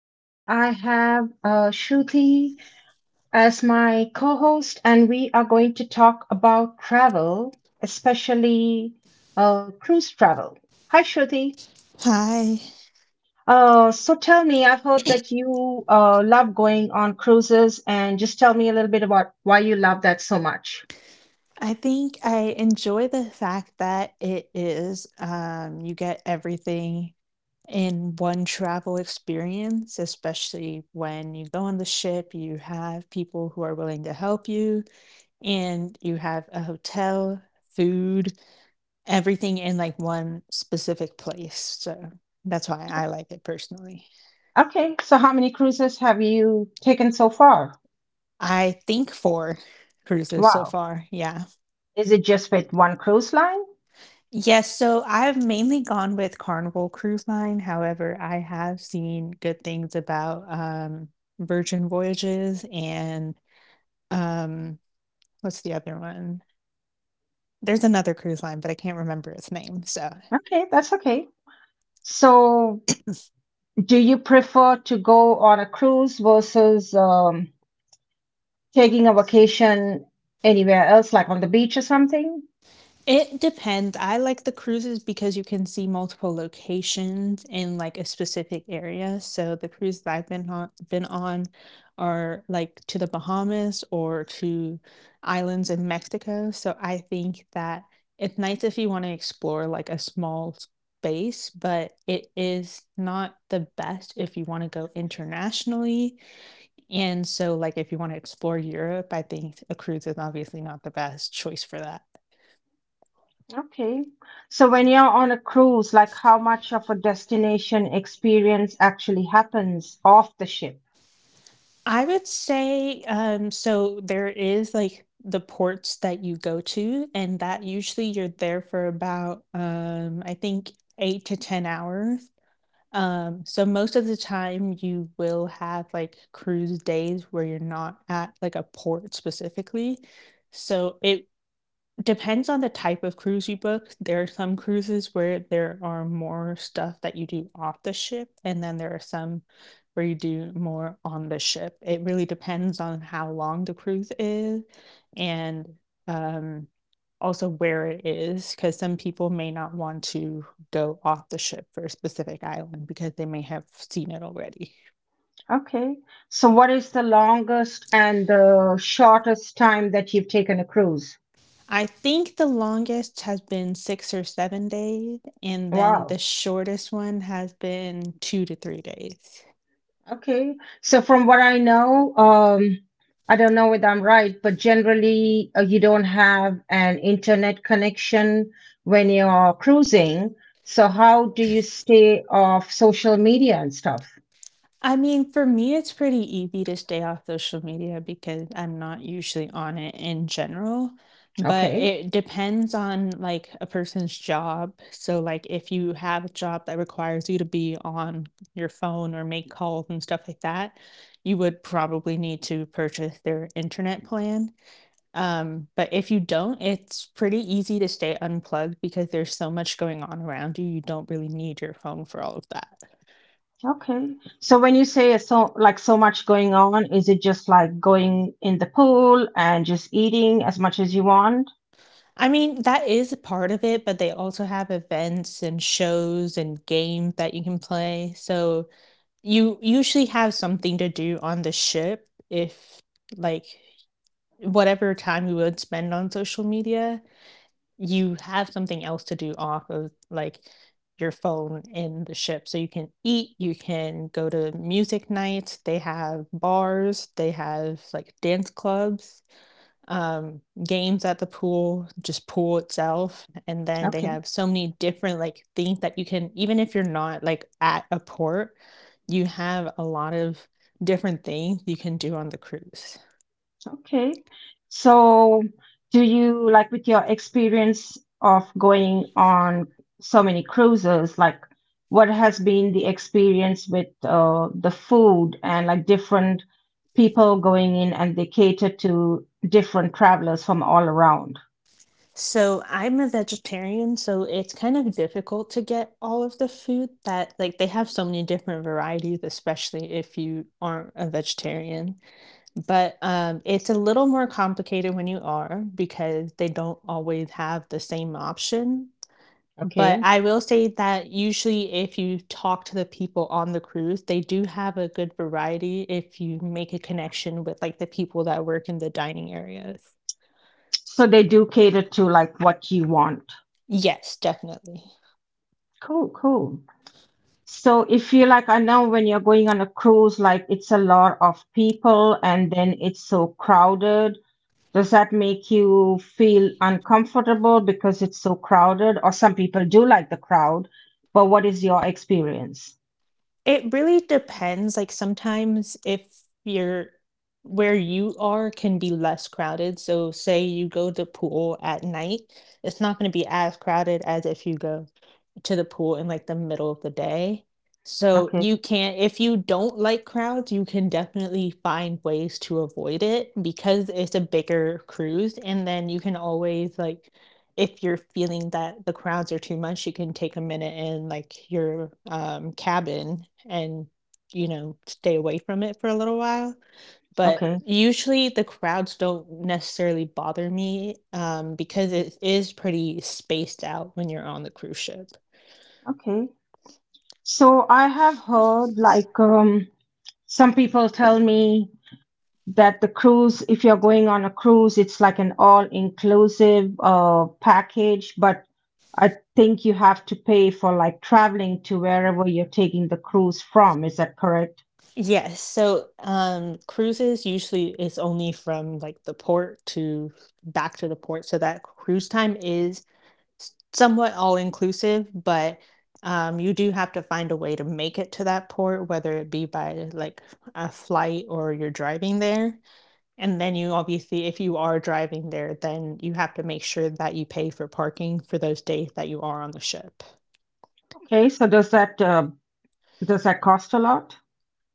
Today I have Shruti as my co-host, and we are going to talk about travel, especially cruise travel. Hi Shruti. Hi. So tell me, I've heard that you love going on cruises, and just tell me a little bit about why you love that so much. I think I enjoy the fact that it is, you get everything in one travel experience. Especially when you go on the ship, you have people who are willing to help you, and you have a hotel, food, everything in like one specific place. So that's why I like it personally. Okay, so how many cruises have you taken so far? I think four cruises so Wow. far. Yeah. Is it just with one cruise line? Yes, so I've mainly gone with Carnival Cruise Line. However, I have seen good things about, Virgin Voyages and, um, what's the other one? There's another cruise line, but I can't remember its name, so Okay, that's okay. So, do you prefer to go on a cruise versus taking a vacation anywhere else, like on the beach or something? it depends. I like the cruises because you can see multiple locations in like a specific area. So the cruises that I've been on are like to the Bahamas or to islands in Mexico. So I think that it's nice if you want to explore like a small space, but it is not the best if you want to go internationally. And so like if you want to explore Europe, I think a cruise is obviously not the best choice for that. Okay. So when you're on a cruise, like how much of a destination experience actually happens off the ship? I would say, so there is like the ports that you go to, and that usually you're there for about, I think eight to 10 hours. So most of the time you will have like cruise days where you're not at like a port specifically. So it depends on the type of cruise you book. There are some cruises where there are more stuff that you do off the ship, and then there are some where you do more on the ship. It really depends on how long the cruise is and um, also where it is, because some people may not want to go off the ship for a specific island because they may have seen it already. Okay. So, what is the longest and the shortest time that you've taken a cruise? I think the longest has been 6 or 7 days, and then Wow. the shortest one has been 2 to 3 days. Okay. So, from what I know, I don't know whether I'm right, but generally you don't have an internet connection when you're cruising. So, how do you stay off social media and stuff? I mean, for me, it's pretty easy to stay off social media because I'm not usually on it in general, but Okay. it depends on, like, a person's job. So, like, if you have a job that requires you to be on your phone or make calls and stuff like that, you would probably need to purchase their internet plan. But if you don't, it's pretty easy to stay unplugged because there's so much going on around you, you don't really need your phone for all of that. Okay. So when you say it's so like so much going on, is it just like going in the pool and just eating as much as you want? I mean, that is a part of it, but they also have events and shows and games that you can play. So you usually have something to do on the ship if, like, whatever time you would spend on social media, you have something else to do off of like your phone in the ship. So you can eat, you can go to music nights, they have bars, they have like dance clubs, um, games at the pool, just pool itself. And then they Okay. have so many different like things that you can, even if you're not like at a port, you have a lot of different things you can do on the cruise. Okay. So, do you like with your experience of going on so many cruises, like what has been the experience with the food and like different people going in and they cater to different travelers from all around? So I'm a vegetarian, so it's kind of difficult to get all of the food that like they have so many different varieties, especially if you aren't a vegetarian. But it's a little more complicated when you are because they don't always have the same option. But Okay. I will say that usually if you talk to the people on the cruise, they do have a good variety if you make a connection with like the people that work in the dining areas. So they do cater to like what you want. Yes, definitely. Cool, cool. So if you like, I know when you're going on a cruise, like it's a lot of people and then it's so crowded. Does that make you feel uncomfortable because it's so crowded? Or some people do like the crowd, but what is your experience? It really depends, like, sometimes if you're where you are can be less crowded, so say you go to pool at night, it's not gonna be as crowded as if you go to the pool in like the middle of the day. So Okay, you can, if you don't like crowds, you can definitely find ways to avoid it because it's a bigger cruise. And then you can always like, if you're feeling that the crowds are too much, you can take a minute in like your cabin and you know stay away from it for a little while. But okay, usually the crowds don't necessarily bother me because it is pretty spaced out when you're on the cruise ship. okay. So I have heard like some people tell me that the cruise, if you're going on a cruise, it's like an all inclusive package, but I think you have to pay for like traveling to wherever you're taking the cruise from. Is that correct? Yes. So cruises usually it's only from like the port to back to the port. So that cruise time is somewhat all inclusive, but you do have to find a way to make it to that port, whether it be by like a flight or you're driving there. And then you obviously if you are driving there, then you have to make sure that you pay for parking for those days that you are on the ship. Okay, so does that does that cost a lot?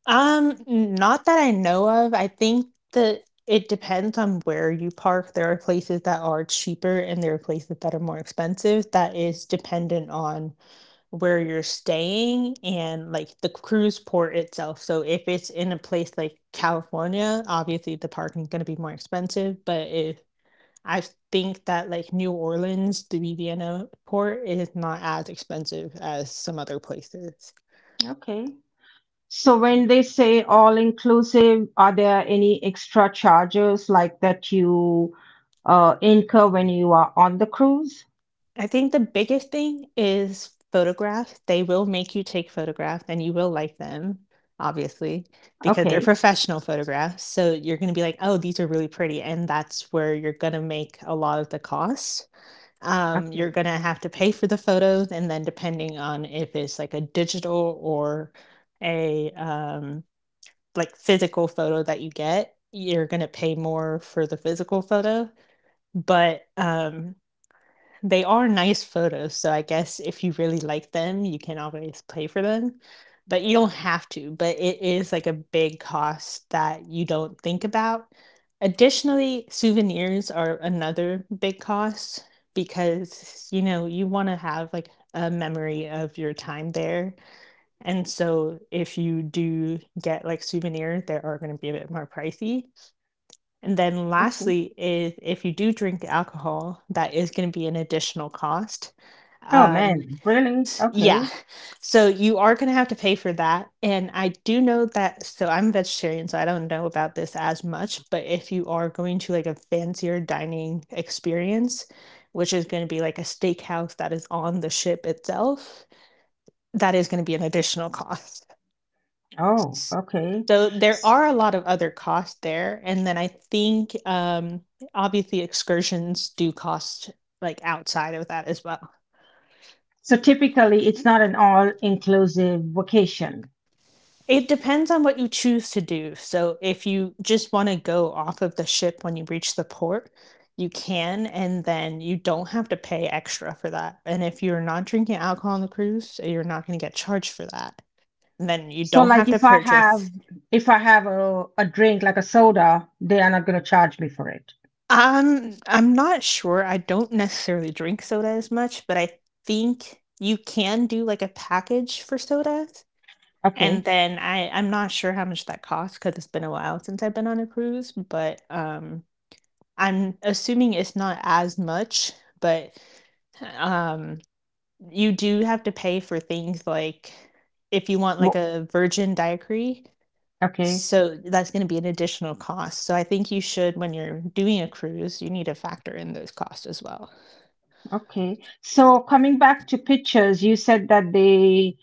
Um, not that I know of. I think that it depends on where you park. There are places that are cheaper and there are places that are more expensive. That is dependent on where you're staying and like the cruise port itself. So if it's in a place like California, obviously the parking's gonna be more expensive. But if I think that like New Orleans, the Louisiana port is not as expensive as some other places. Okay. So when they say all inclusive, are there any extra charges like that you incur when you are on the cruise? I think the biggest thing is photographs. They will make you take photographs and you will like them, obviously, because they're Okay. professional photographs. So you're going to be like, oh, these are really pretty. And that's where you're going to make a lot of the cost. You're Okay. gonna have to pay for the photos, and then depending on if it's like a digital or a like physical photo that you get, you're gonna pay more for the physical photo. But they are nice photos, so I guess if you really like them, you can always pay for them, but you don't have to, but it is, like, a big cost that you don't think about. Additionally, souvenirs are another big cost because, you know, you wanna have, like, a memory of your time there, and so if you do get, like, souvenir, they are gonna be a bit more pricey. And then Okay. lastly, if you do drink alcohol, that is gonna be an additional cost. Oh Um, man, really? Okay. yeah. So you are gonna have to pay for that, and I do know that, so I'm vegetarian, so I don't know about this as much, but if you are going to, like, a fancier dining experience, which is gonna be like a steakhouse that is on the ship itself, that is gonna be an additional cost. Oh, S- okay. So there S- are a lot of other costs there, and then I think obviously excursions do cost like outside of that as well. So typically, it's not an all-inclusive vacation. It depends on what you choose to do. So if you just want to go off of the ship when you reach the port, you can, and then you don't have to pay extra for that. And if you're not drinking alcohol on the cruise, you're not going to get charged for that. And then you So don't like have to purchase. if I have a drink like a soda, they are not going to charge me for it. I'm not sure. I don't necessarily drink soda as much, but I think you can do, like, a package for sodas, Okay. and then I'm not sure how much that costs because 'cause it's been a while since I've been on a cruise, but, I'm assuming it's not as much, but, um, you do have to pay for things like if you want, like, Wo- a virgin daiquiri, Okay. so that's gonna be an additional cost. So I think you should, when you're doing a cruise, you need to factor in those costs as well. Okay. So coming back to pictures, you said that they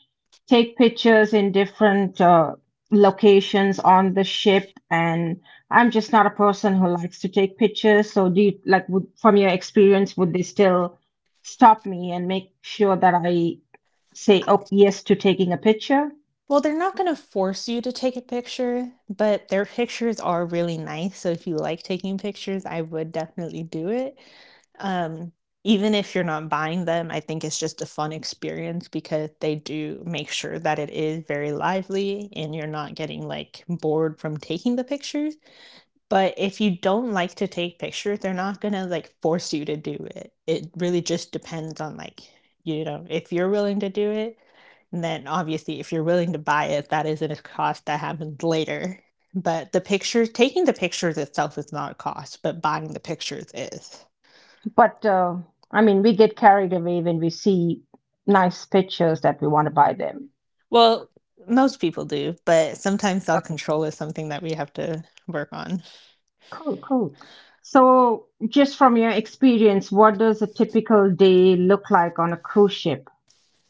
take pictures in different locations on the ship, and I'm just not a person who likes to take pictures. So do you like would, from your experience, would they still stop me and make sure that I say, oh, yes to taking a picture? Well, they're not gonna force you to take a picture, but their pictures are really nice, so if you like taking pictures, I would definitely do it. Um, even if you're not buying them, I think it's just a fun experience because they do make sure that it is very lively and you're not getting, like, bored from taking the pictures. But if you don't like to take pictures, they're not gonna, like, force you to do it. It really just depends on, like, you know, if you're willing to do it, and then obviously if you're willing to buy it, that isn't a cost that happens later. But the pictures taking the pictures itself is not a cost, but buying the pictures is. But I mean, we get carried away when we see nice pictures that we want to buy them. Well, most people do, but sometimes Okay. self-control is something that we have to work on. Cool, cool. So, just from your experience, what does a typical day look like on a cruise ship?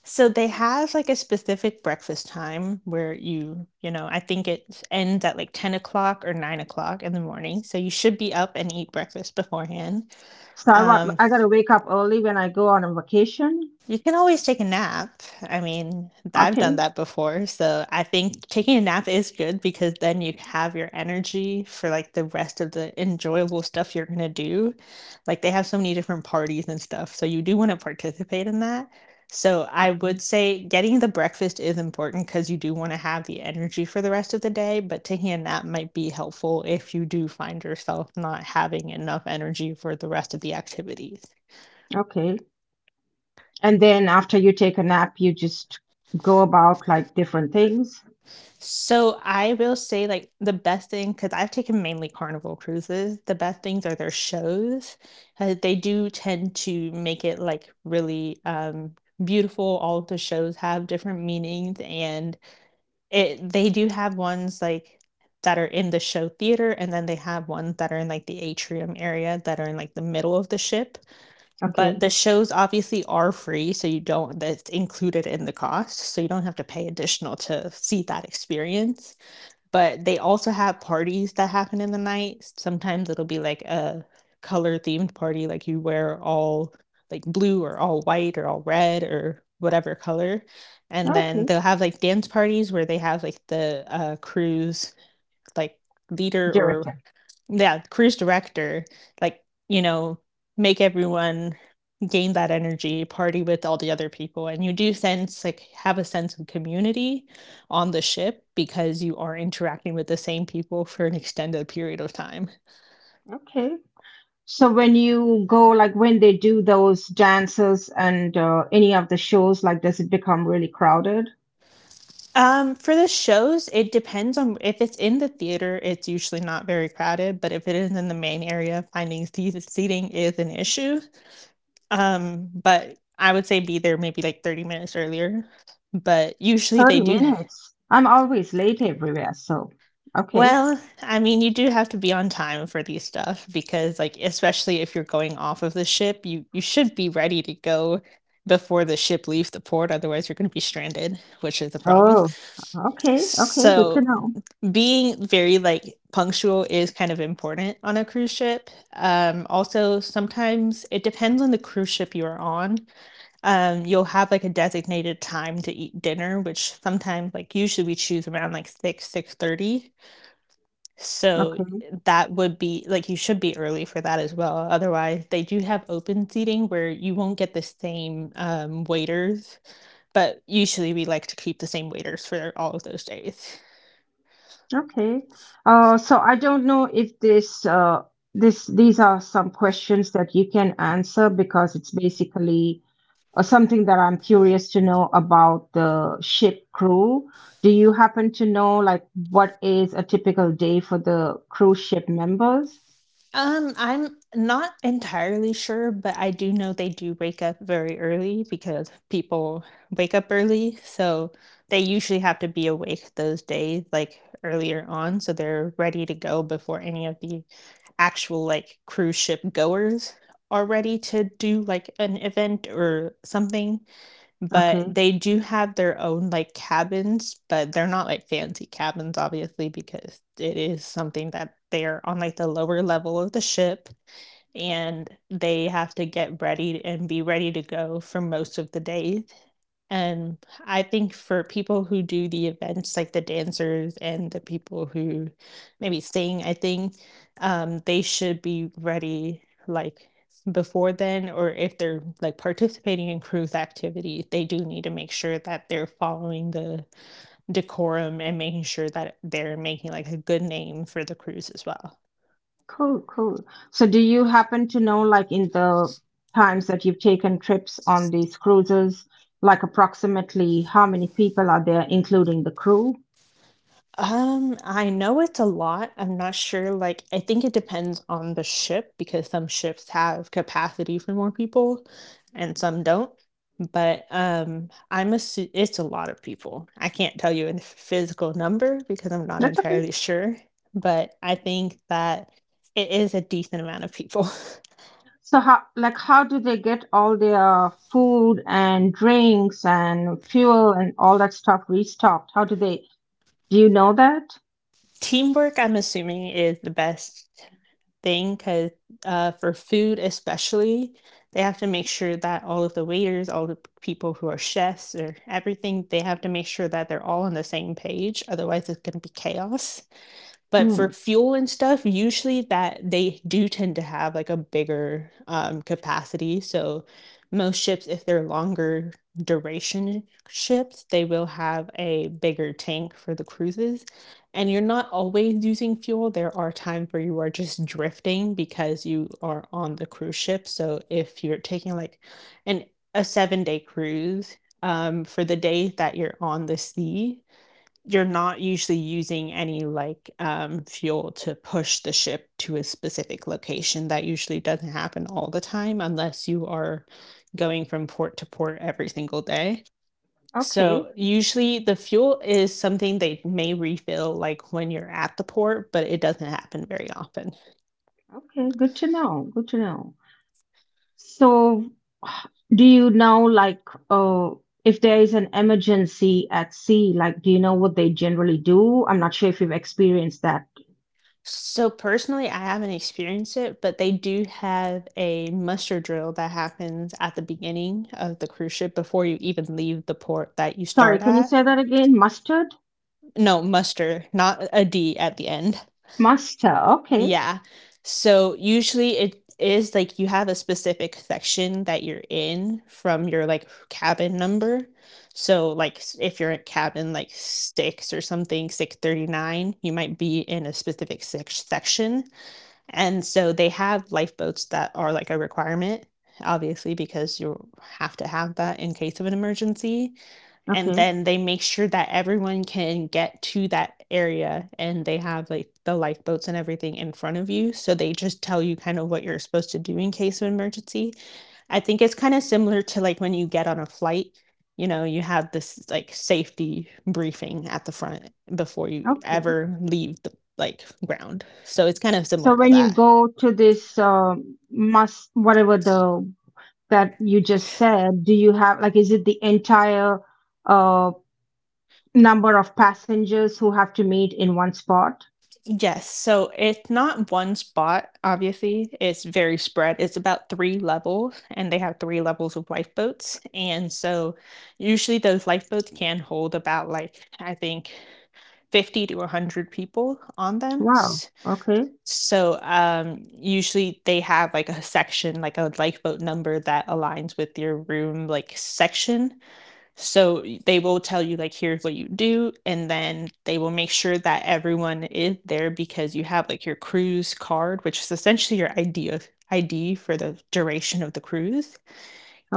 So they have like a specific breakfast time where you know, I think it ends at like 10 o'clock or 9 o'clock in the morning. So you should be up and eat breakfast beforehand. So Um, I gotta wake up early when I go on a vacation. you can always take a nap. I've done Okay, that before, so I think taking a nap is good because then you have your energy for like the rest of the enjoyable stuff you're gonna do. Like they have so many different parties and stuff, so you do want to participate in that. So I okay, would say getting the breakfast is important because you do want to have the energy for the rest of the day, but taking a nap might be helpful if you do find yourself not having enough energy for the rest of the activities. okay. And then after you take a nap, you just go about like different things. So I will say like the best thing, because I've taken mainly Carnival cruises, the best things are their shows. They do tend to make it like really beautiful. All of the shows have different meanings, and it they do have ones like that are in the show theater, and then they have ones that are in like the atrium area that are in like the middle of the ship. But Okay. the shows obviously are free, so you don't that's included in the cost, so you don't have to pay additional to see that experience. But they also have parties that happen in the night. Sometimes it'll be like a color themed party, like you wear all like blue or all white or all red or whatever color. And then Okay. they'll have like dance parties where they have like the cruise like leader or Director. yeah, cruise director, like, you know, make everyone gain that energy, party with all the other people. And you do sense, like, have a sense of community on the ship because you are interacting with the same people for an extended period of time. Okay. So when you go, like when they do those dances and any of the shows, like does it become really crowded? For the shows, it depends on if it's in the theater, it's usually not very crowded, but if it is in the main area, finding seating is an issue. But I would say be there maybe like 30 minutes earlier. But usually 30 they do minutes. I'm always late everywhere, so okay. Well, you do have to be on time for these stuff because, like, especially if you're going off of the ship, you should be ready to go before the ship leaves the port, otherwise you're gonna be stranded, which is a problem. Oh, okay, okay, good to So, know. being very, like, punctual is kind of important on a cruise ship. Also, sometimes it depends on the cruise ship you are on. You'll have, like, a designated time to eat dinner, which sometimes, like, usually we choose around, like, 6, 6:30. So Okay. that would be like you should be early for that as well. Otherwise, they do have open seating where you won't get the same waiters, but usually we like to keep the same waiters for all of those days. Okay. So I don't know if this these are some questions that you can answer because it's basically something that I'm curious to know about the ship crew. Do you happen to know like what is a typical day for the cruise ship members? I'm not entirely sure, but I do know they do wake up very early because people wake up early, so they usually have to be awake those days, like earlier on, so they're ready to go before any of the actual like cruise ship goers are ready to do like an event or something, but Okay. they do have their own like cabins, but they're not like fancy cabins, obviously, because it is something that they're on like the lower level of the ship and they have to get ready and be ready to go for most of the days. And I think for people who do the events, like the dancers and the people who maybe sing, I think they should be ready like before then, or if they're like participating in cruise activities, they do need to make sure that they're following the decorum and making sure that they're making like a good name for the cruise as well. Cool, cool. So, do you happen to know, like, in the times that you've taken trips on these cruises, like, approximately how many people are there, including the crew? I know it's a lot. I'm not sure, like, I think it depends on the ship because some ships have capacity for more people and some don't. But I'm assu it's a lot of people. I can't tell you a physical number because I'm not That's okay. entirely sure, but I think that it is a decent amount of people. So, how, like, how do they get all their food and drinks and fuel and all that stuff restocked? Do you know that? Teamwork, I'm assuming, is the best thing because for food especially, they have to make sure that all of the waiters, all the people who are chefs or everything, they have to make sure that they're all on the same page, otherwise it's gonna be chaos. But Hmm. for fuel and stuff, usually that they do tend to have like a bigger capacity. So most ships, if they're longer duration ships, they will have a bigger tank for the cruises. And you're not always using fuel. There are times where you are just drifting because you are on the cruise ship. So if you're taking like an a 7 day cruise, for the day that you're on the sea, you're not usually using any like fuel to push the ship to a specific location. That usually doesn't happen all the time unless you are going from port to port every single day. Okay. So, usually the fuel is something they may refill like when you're at the port, but it doesn't happen very often. Okay. Good to know. Good to know. So, h- do you know, like, uh, if there is an emergency at sea, like, do you know what they generally do? I'm not sure if you've experienced that. So, personally, I haven't experienced it, but they do have a muster drill that happens at the beginning of the cruise ship before you even leave the port that you Sorry, start can you at. say that again? Mustard? No, muster, not a d at the end. Mustard. Okay. Yeah, so usually it is like you have a specific section that you're in from your like cabin number. So like if you're at cabin like 6 or something, 639, you might be in a specific section. And so they have lifeboats that are like a requirement, obviously, because you have to have that in case of an emergency. And Okay. then they make sure that everyone can get to that area, and they have like the lifeboats and everything in front of you, so they just tell you kind of what you're supposed to do in case of emergency. I think it's kind of similar to like when you get on a flight, you know you have this like safety briefing at the front before you Okay. ever leave the like ground, so it's kind of So similar to when you that. go to this must whatever the that you just said, do you have like is it the entire uh number of passengers who have to meet in one spot? Yes, so it's not one spot, obviously. It's very spread. It's about three levels, and they have three levels of lifeboats. And so usually those lifeboats can hold about like I think 50 to 100 people on them. Wow. Okay. So usually they have like a section, like a lifeboat number that aligns with your room like section. So they will tell you, like, here's what you do, and then they will make sure that everyone is there because you have like your cruise card, which is essentially your ID for the duration of the cruise.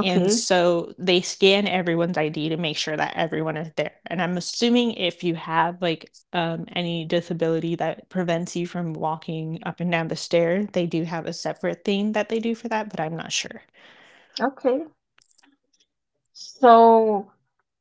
And so they scan everyone's ID to make sure that everyone is there. And I'm assuming if you have like any disability that prevents you from walking up and down the stairs, they do have a separate thing that they do for that, but I'm not sure. Okay. So,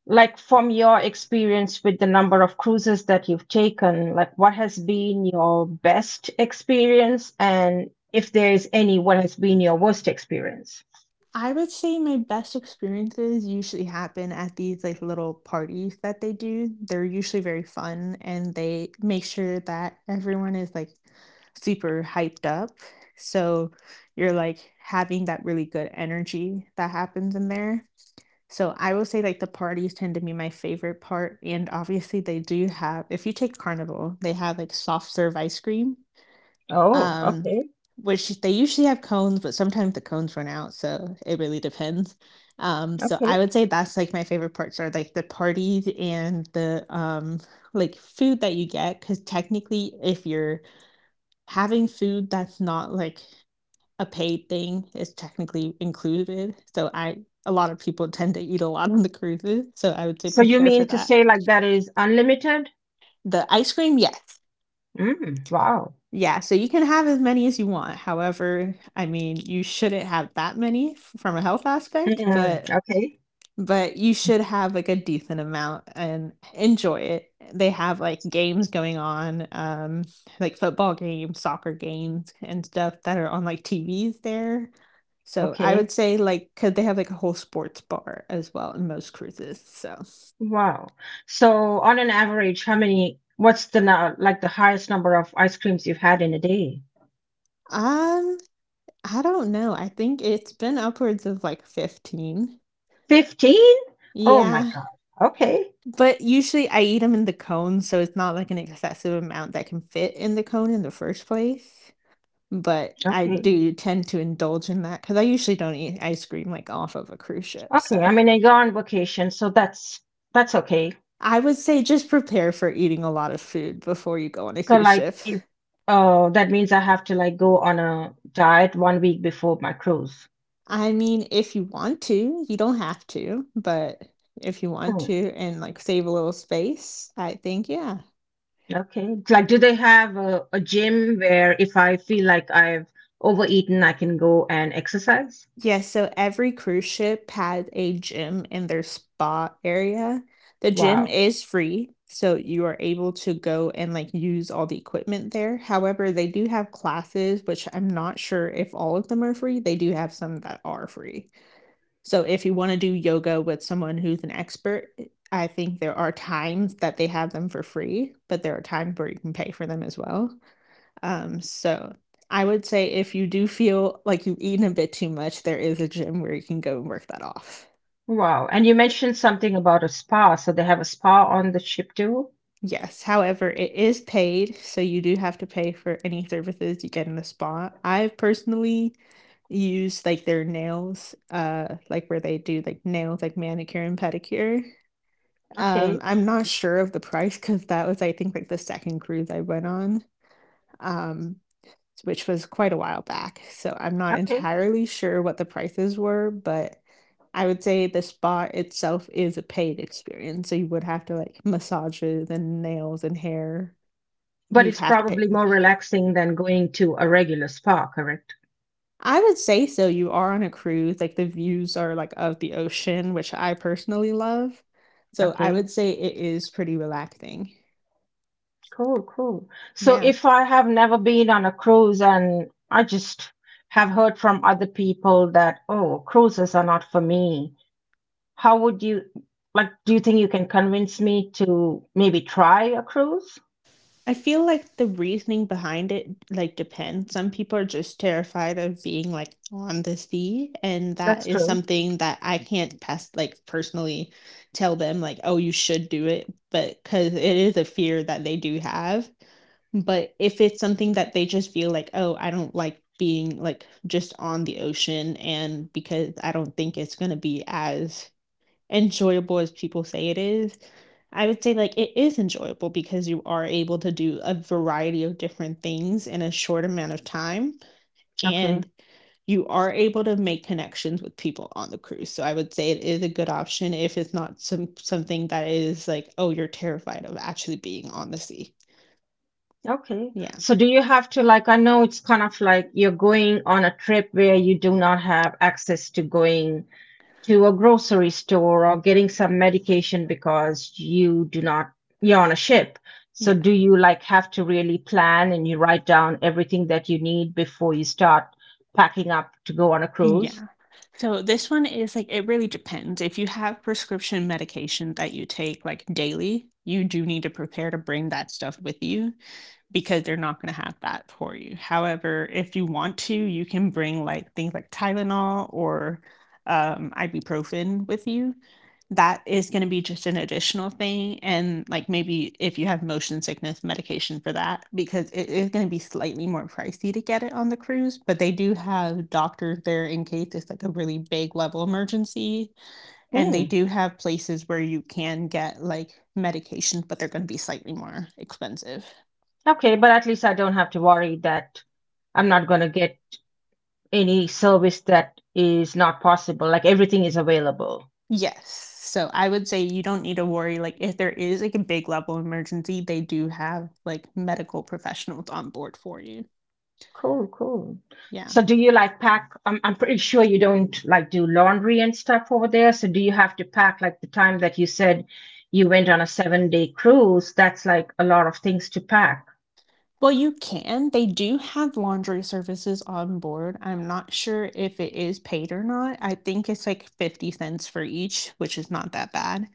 like from your experience with the number of cruises that you've taken, like what has been your best experience, and if there is any, what has been your worst experience? I would say my best experiences usually happen at these like little parties that they do. They're usually very fun and they make sure that everyone is like super hyped up. So you're like having that really good energy that happens in there. So I will say like the parties tend to be my favorite part. And obviously they do have, if you take Carnival, they have like soft serve ice cream, Oh, um, okay, which they usually have cones, but sometimes the cones run out, so it really depends. So okay. I would say that's like my favorite parts are like the parties and the like food that you get, because technically if you're having food that's not like a paid thing, it's technically included. So I A lot of people tend to eat a lot on the cruises, so I would say So you prepare for mean to that. say like that is unlimited? The ice cream, yes. Mm, wow. Yeah, so you can have as many as you want. However, you shouldn't have that many from a health aspect, Mm, but okay. but you should have like a decent amount and enjoy it. They have like games going on, like football games, soccer games, and stuff that are on like TVs there. So I Okay. would say like because they have like a whole sports bar as well in most cruises. So, Wow. So on an average, how many, what's the now like the highest number of ice creams you've had in a day? um, I don't know. I think it's been upwards of like 15. 15? Oh my Yeah. God. Okay. But usually I eat them in the cone, so it's not like an excessive amount that can fit in the cone in the first place. But I Okay. do tend to indulge in that because I usually don't eat ice cream like off of a cruise ship. Okay. I So mean, I go on vacation, so that's okay. I would say just prepare for eating a lot of food before you go on a So cruise like ship. if oh that means I have to like go on a diet 1 week before my cruise. I mean, if you want to, you don't have to, but if you want to and like save a little space, I think, yeah. Okay. It's like, do they have a gym where if I feel like I've overeaten, I can go and exercise? Yes, so every cruise ship had a gym in their spa area. The gym Wow. is free, so you are able to go and, like, use all the equipment there. However, they do have classes, which I'm not sure if all of them are free. They do have some that are free. So if you wanna do yoga with someone who's an expert, I think there are times that they have them for free, but there are times where you can pay for them as well. So I would say if you do feel like you've eaten a bit too much, there is a gym where you can go and work that off. Wow. And you mentioned something about a spa. So they have a spa on the ship too? Yes, however, it is paid, so you do have to pay for any services you get in the spa. I've personally used like their nails, like where they do like nails, like manicure and pedicure. Okay. I'm not sure of the price because that was, I think, like the second cruise I went on. Um, which was quite a while back. So I'm not Okay. entirely sure what the prices were, but I would say the spa itself is a paid experience. So you would have to like massages and nails and hair. But You it's have to pay. probably For it. more relaxing than going to a regular spa, correct? I would say so. You are on a cruise. Like the views are like of the ocean, which I personally love. So I Okay. would say it is pretty relaxing. Cool, cool. So Yeah. if I have never been on a cruise and I just have heard from other people that, oh, cruises are not for me. How would you like? Do you think you can convince me to maybe try a cruise? I feel like the reasoning behind it, like, depends. Some people are just terrified of being, like, on the sea, and That's that is true. something that I can't pass like, personally tell them, like, "Oh, you should do it," but because it is a fear that they do have. But if it's something that they just feel like, "Oh, I don't like being, like, just on the ocean," and because I don't think it's gonna be as enjoyable as people say it is, I would say like it is enjoyable because you are able to do a variety of different things in a short amount of time Okay. and you are able to make connections with people on the cruise. So I would say it is a good option if it's not something that is like, oh, you're terrified of actually being on the sea. Okay. Yeah. So do you have to like, I know it's kind of like you're going on a trip where you do not have access to going to a grocery store or getting some medication because you do not, you're on a ship. So Yeah. do you like have to really plan and you write down everything that you need before you start packing up to go on a cruise? Yeah. So this one is like it really depends. If you have prescription medication that you take like daily, you do need to prepare to bring that stuff with you. Because they're not going to have that for you. However, if you want to, you can bring like things like Tylenol or ibuprofen with you. That is going to be just an additional thing. And like maybe if you have motion sickness, medication for that, because it is going to be slightly more pricey to get it on the cruise. But they do have doctors there in case it's like a really big level emergency. And they Hmm. do have places where you can get like medication, but they're going to be slightly more expensive. Okay, but at least I don't have to worry that I'm not going to get any service that is not possible. Like everything is available. Yes. So I would say you don't need to worry. Like, if there is like a big level emergency, they do have like medical professionals on board for you. Cool, cool. Yeah. So do you like pack? I'm pretty sure you don't like do laundry and stuff over there. So do you have to pack like the time that you said you went on a 7 day cruise? That's like a lot of things to pack. Well, you can. They do have laundry services on board. I'm not sure if it is paid or not. I think it's like 50 cents for each, which is not that bad.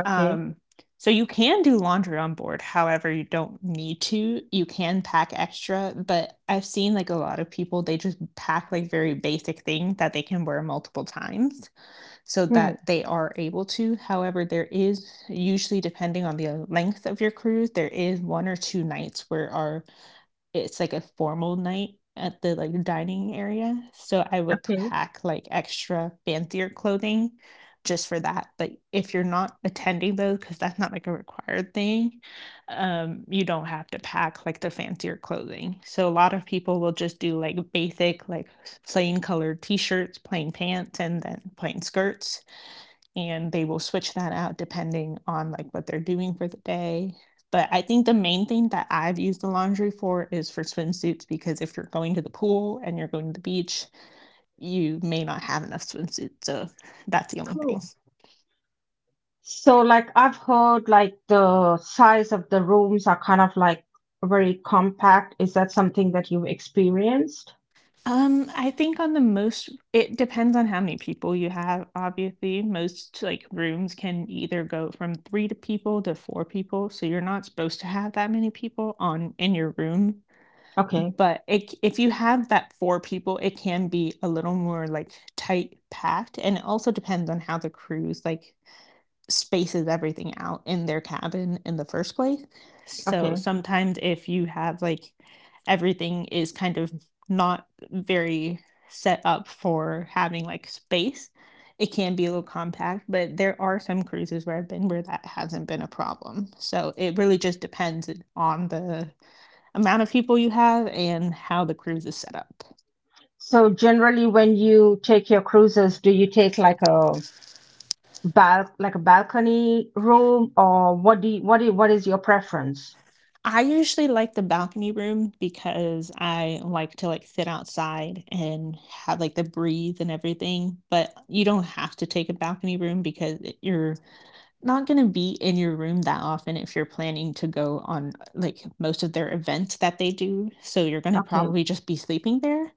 Okay. Um, so you can do laundry on board. However, you don't need to. You can pack extra, but I've seen like a lot of people, they just pack like very basic things that they can wear multiple times so Hmm. that they are able to. However, there is usually, depending on the length of your cruise, there is one or two nights where are it's like a formal night at the, like, dining area, so I would Okay. pack, like, extra fancier clothing just for that, but if you're not attending those, because that's not, like, a required thing, you don't have to pack, like, the fancier clothing. So a lot of people will just do, like, basic, like, plain colored t-shirts, plain pants, and then plain skirts and they will switch that out depending on like what they're doing for the day. But I think the main thing that I've used the laundry for is for swimsuits because if you're going to the pool and you're going to the beach, you may not have enough swimsuits. So that's the only thing. Cool. So, like, I've heard like the size of the rooms are kind of like very compact. Is that something that you've experienced? I think on the most, it depends on how many people you have, obviously. Most like rooms can either go from three to people to four people. So you're not supposed to have that many people on in your room. Okay, But it, if you have that four people, it can be a little more like tight packed, and it also depends on how the cruise like spaces everything out in their cabin in the first place. So okay. sometimes if you have like everything is kind of not very set up for having like space, it can be a little compact, but there are some cruises where I've been where that hasn't been a problem. So it really just depends on the amount of people you have and how the cruise is set up. So generally, when you take your cruises, do you take like a bal like a balcony room, or what is your preference? I usually like the balcony room because I like to like sit outside and have like the breeze and everything, but you don't have to take a balcony room because you're not going to be in your room that often if you're planning to go on like most of their events that they do. So you're going to Okay. probably just be sleeping there.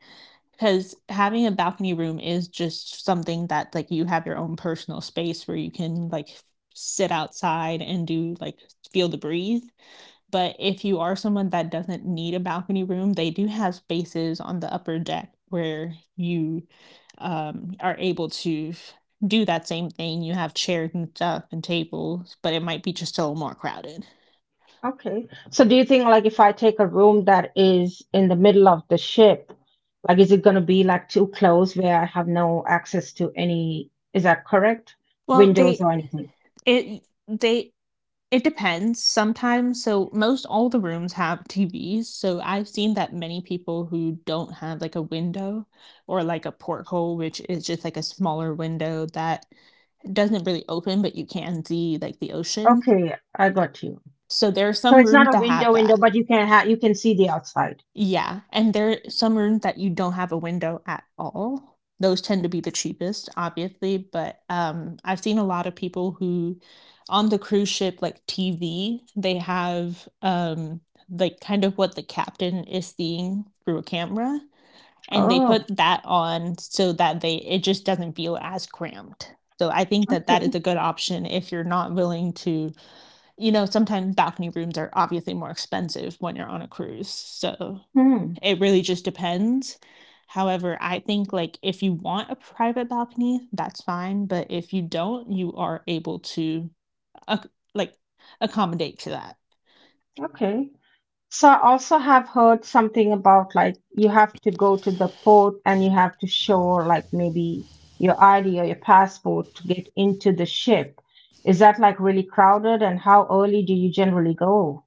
Because having a balcony room is just something that like you have your own personal space where you can like sit outside and do like feel the breeze, but if you are someone that doesn't need a balcony room, they do have spaces on the upper deck where you are able to do that same thing. You have chairs and stuff and tables, but it might be just a little more crowded. Okay. So do you think like if I take a room that is in the middle of the ship, like is it gonna be like too close where I have no access to any, is that correct? well, Windows they or anything? it they it depends sometimes. So most all the rooms have TVs, so I've seen that many people who don't have like a window or like a porthole, which is just like a smaller window that doesn't really open, but you can see like the ocean. Okay, I got you. So there are So some it's not rooms a that have window window, that. but you can see the outside. Yeah, and there are some rooms that you don't have a window at all. Those tend to be the cheapest, obviously, but, I've seen a lot of people who on the cruise ship, like, TV, they have, like, kind of what the captain is seeing through a camera, and they Oh, put that on so that they it just doesn't feel as cramped. So I think that that okay. is a good option if you're not willing to, you know, sometimes balcony rooms are obviously more expensive when you're on a cruise, so Hmm. it really just depends. However, I think, like, if you want a private balcony, that's fine, but if you don't, you are able to, ac like, accommodate to that. Okay. So I also have heard something about like you have to go to the port and you have to show like maybe your ID or your passport to get into the ship. Is that like really crowded and how early do you generally go?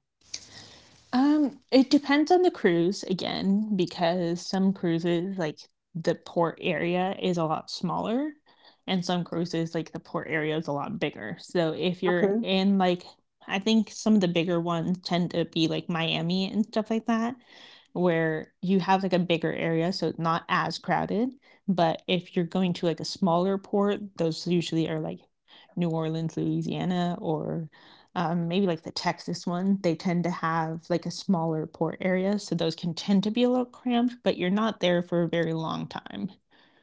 It depends on the cruise again, because some cruises, like the port area is a lot smaller, and some cruises, like the port area is a lot bigger. So if you're in like I think some of the bigger ones tend to be like Miami and stuff like that, where you have like a bigger area, so it's not as crowded. But if you're going to like a smaller port, those usually are like New Orleans, Louisiana, or maybe like the Texas one, they tend to have like a smaller port area, so those can tend to be a little cramped, but you're not there for a very long time.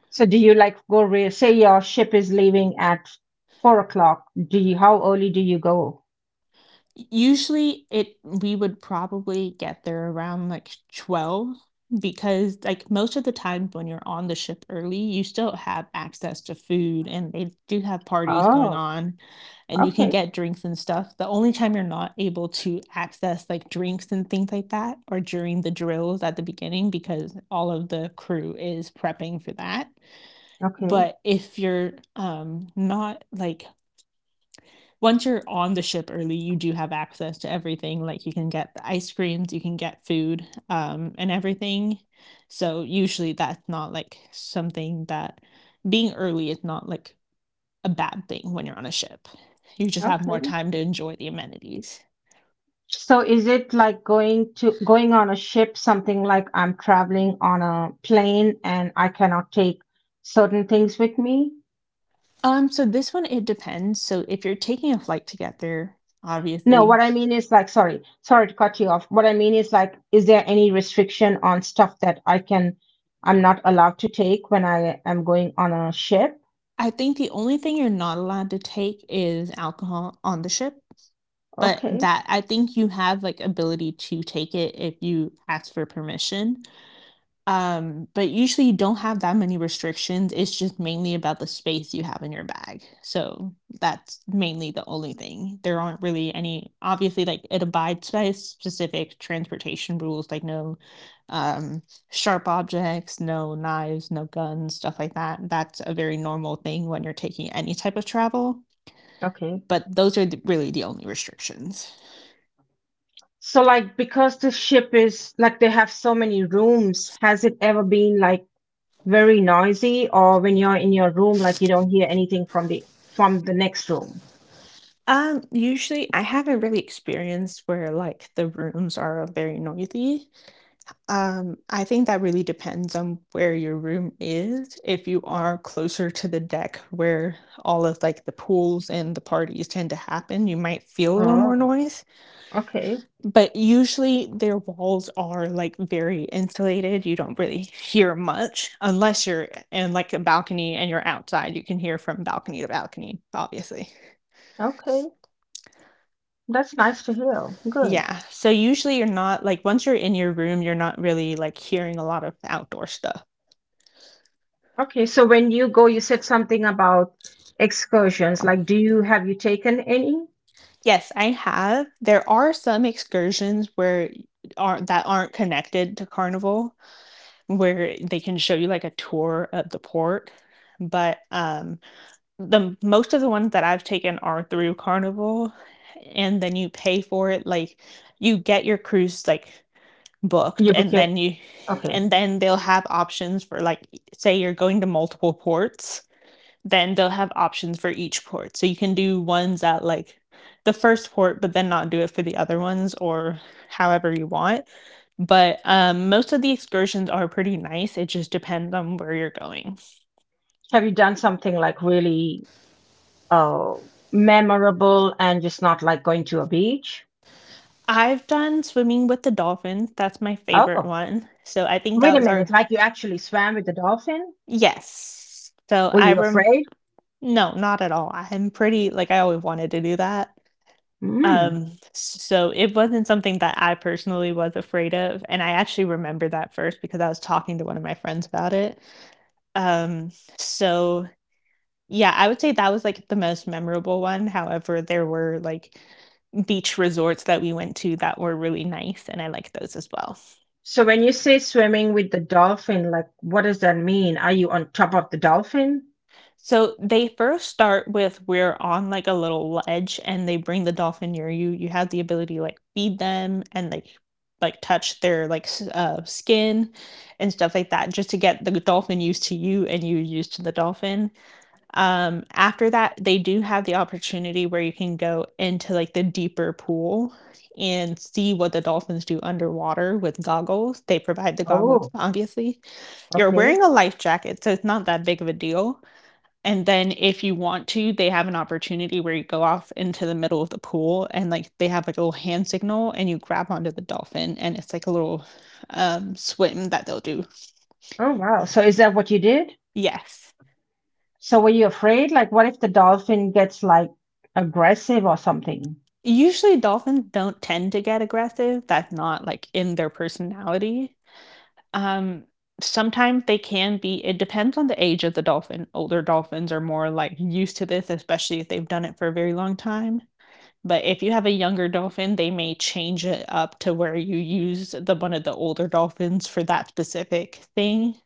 So do you like say your ship is leaving at 4 o'clock? Do you how early do you go? Usually, it we would probably get there around, like, 12 because, like, most of the time when you're on the ship early, you still have access to food, and they do have parties going Oh, on, and you can okay, get drinks and stuff. The only time you're not able to access, like, drinks and things like that are during the drills at the beginning because all of the crew is prepping for that. okay, But if you're, not, like, once you're on the ship early, you do have access to everything. Like you can get the ice creams, you can get food, and everything. So usually that's not like something that being early is not like a bad thing when you're on a ship. You just have more okay. time to enjoy the amenities. So is it like going on a ship, something like I'm traveling on a plane and I cannot take certain things with me? So this one it depends. So if you're taking a flight to get there, No, obviously, what I mean is like, sorry, sorry to cut you off. What I mean is like, is there any restriction on stuff that I'm not allowed to take when I am going on a ship? I think the only thing you're not allowed to take is alcohol on the ship. But Okay, that I think you have, like, ability to take it if you ask for permission, but usually you don't have that many restrictions. It's just mainly about the space you have in your bag, so that's mainly the only thing. There aren't really any obviously, like, it abides by specific transportation rules, like, no, um, sharp objects, no knives, no guns, stuff like that. That's a very normal thing when you're taking any type of travel, okay. but those are really the only restrictions. So, like, because the ship is like they have so many rooms, has it ever been like very noisy, or when you're in your room, like you don't hear anything from the next room? Usually I haven't really experienced where like the rooms are very noisy. I think that really depends on where your room is. If you are closer to the deck where all of like the pools and the parties tend to happen, you might feel a little more Oh, noise. okay, But usually their walls are like very insulated. You don't really hear much unless you're in like a balcony and you're outside. You can hear from balcony to balcony, obviously. okay, that's nice to hear. Good. Yeah. So usually you're not like once you're in your room, you're not really like hearing a lot of outdoor stuff. Okay, so when you go, you said something about excursions. Like, do you have you taken any? Yes, I have. There are some excursions where are that aren't connected to Carnival where they can show you like a tour of the port. But the most of the ones that I've taken are through Carnival, and then you pay for it, like you get your cruise like booked, You book and yet? then you Okay. and then they'll have options for like, say you're going to multiple ports, then they'll have options for each port, so you can do ones at like the first port but then not do it for the other ones, or however you want. But most of the excursions are pretty nice. It just depends on where you're going. Have you done something like really oh, memorable and just not like going to a beach? I've done swimming with the dolphins. That's my favorite Oh, one, so I think wait that a was minute. our Like you actually swam with the dolphin? yes so Were I you rem afraid? no, not at all. I'm pretty like I always wanted to do that. Mm. So it wasn't something that I personally was afraid of. And I actually remember that first because I was talking to one of my friends about it. Um, so yeah, I would say that was like the most memorable one. However, there were like beach resorts that we went to that were really nice, and I liked those as well. So when you say swimming with the dolphin, like what does that mean? Are you on top of the dolphin? So they first start with we're on like a little ledge and they bring the dolphin near you. You have the ability to like feed them and like touch their like skin and stuff like that, just to get the dolphin used to you and you used to the dolphin. After that, they do have the opportunity where you can go into like the deeper pool and see what the dolphins do underwater with goggles. They provide the goggles, Oh, obviously. You're okay. wearing a life jacket, so it's not that big of a deal, and then if you want to, they have an opportunity where you go off into the middle of the pool and like they have like a little hand signal and you grab onto the dolphin and it's like a little swim that they'll do. Oh, wow. So is that what you did? Yes. So were you afraid? Like what if the dolphin gets like aggressive or something? Usually dolphins don't tend to get aggressive. That's not like in their personality. Um Sometimes they can be. It depends on the age of the dolphin. Older dolphins are more like used to this, especially if they've done it for a very long time. But if you have a younger dolphin, they may change it up to where you use the one of the older dolphins for that specific thing.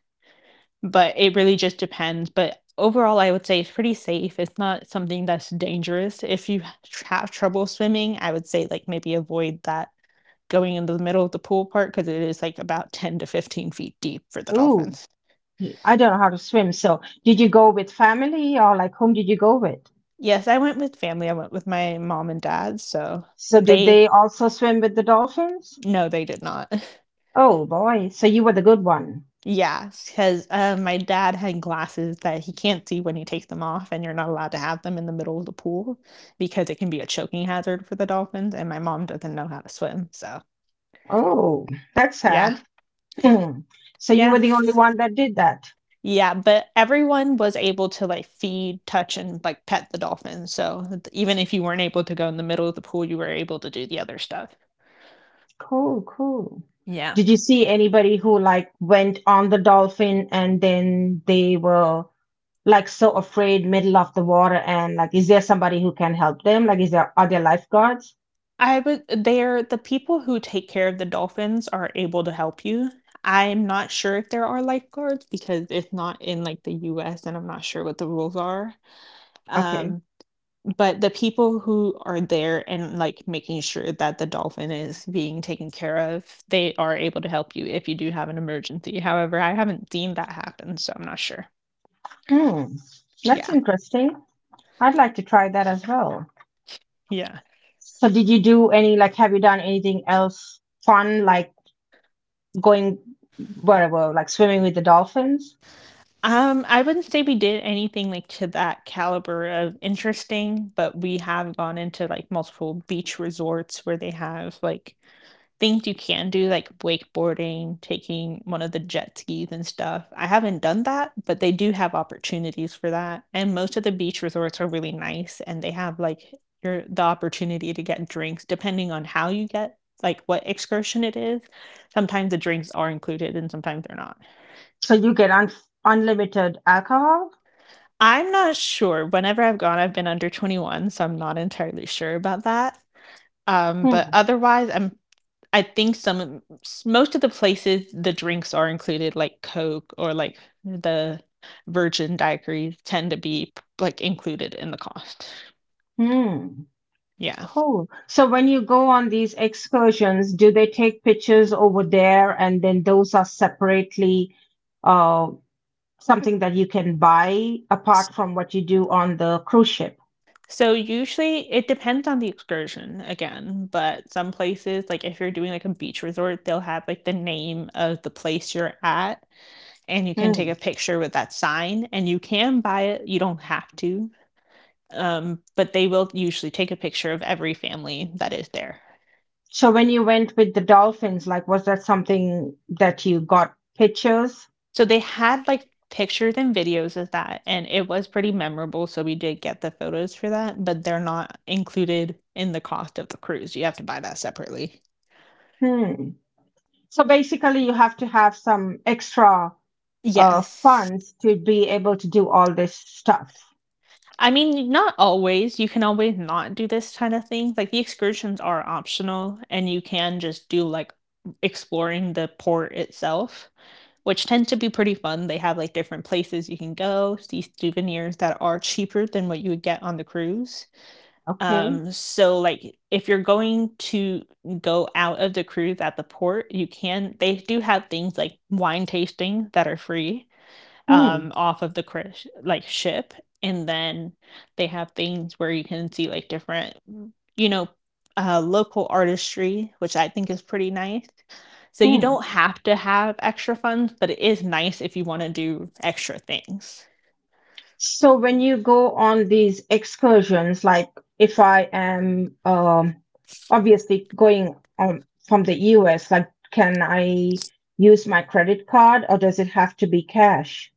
But it really just depends. But overall, I would say it's pretty safe. It's not something that's dangerous. If you have trouble swimming, I would say like maybe avoid that going into the middle of the pool part, because it is like about 10 to 15 feet deep for the Ooh, dolphins. I don't know how to swim. So, did you go with family or like whom did you go with? Yes, I went with family. I went with my mom and dad. So So, did they, they also swim with the dolphins? no, they did not. Oh boy, so you were the good one. Yeah, because my dad had glasses that he can't see when he takes them off, and you're not allowed to have them in the middle of the pool because it can be a choking hazard for the dolphins. And my mom doesn't know how to swim, so Oh, that's yeah, sad. So, you were yeah, the only one that did that. yeah. But everyone was able to like feed, touch, and like pet the dolphins. So even if you weren't able to go in the middle of the pool, you were able to do the other stuff. Cool, cool. Yeah. Did you see anybody who like went on the dolphin and then they were like so afraid middle of the water and like is there somebody who can help them? Like is there are there lifeguards? I would They're the people who take care of the dolphins are able to help you. I'm not sure if there are lifeguards because it's not in, like, the US, and I'm not sure what the rules are. Okay. Um, but the people who are there and, like, making sure that the dolphin is being taken care of, they are able to help you if you do have an emergency. However, I haven't seen that happen, so I'm not sure. Hmm. That's Yeah, interesting. I'd like to try that as well. yeah. So did you do any like have you done anything else fun like going wherever like swimming with the dolphins? I wouldn't say we did anything, like, to that caliber of interesting, but we have gone into, like, multiple beach resorts where they have, like, things you can do, like wakeboarding, taking one of the jet skis and stuff. I haven't done that, but they do have opportunities for that, and most of the beach resorts are really nice, and they have, like, your the opportunity to get drinks depending on how you get like, what excursion it is. Sometimes the drinks are included and sometimes they're not. So you get unlimited alcohol? I'm not sure. Whenever I've gone, I've been under 21, so I'm not entirely sure about that. But Hmm. otherwise, I think some most of the places the drinks are included, like Coke or like the Virgin Daiquiris, tend to be like included in the cost. Hmm. Yeah. Cool. So when you go on these excursions, do they take pictures over there and then those are separately, uh, something that you can buy apart from what you do on the cruise ship? So usually it depends on the excursion again, but some places, like if you're doing like a beach resort, they'll have like the name of the place you're at and you can take Hmm. a picture with that sign and you can buy it. You don't have to, but they will usually take a picture of every family that is there. So when you went with the dolphins, like was that something that you got pictures? So they had like pictures and videos of that, and it was pretty memorable. So we did get the photos for that, but they're not included in the cost of the cruise. You have to buy that separately. Hmm. So basically, you have to have some extra, Yes. funds to be able to do all this stuff. I mean, not always. You can always not do this kind of thing. Like the excursions are optional, and you can just do like exploring the port itself, which tend to be pretty fun. They have like different places you can go, see souvenirs that are cheaper than what you would get on the cruise. Okay. So like if you're going to go out of the cruise at the port, you can they do have things like wine tasting that are free Hmm. Off of the crush, like ship, and then they have things where you can see like different you know local artistry, which I think is pretty nice. So you Hmm. don't have to have extra funds, but it is nice if you want to do extra things. So when you go on these excursions, like if I am, obviously going on from the US, like can I use my credit card or does it have to be cash?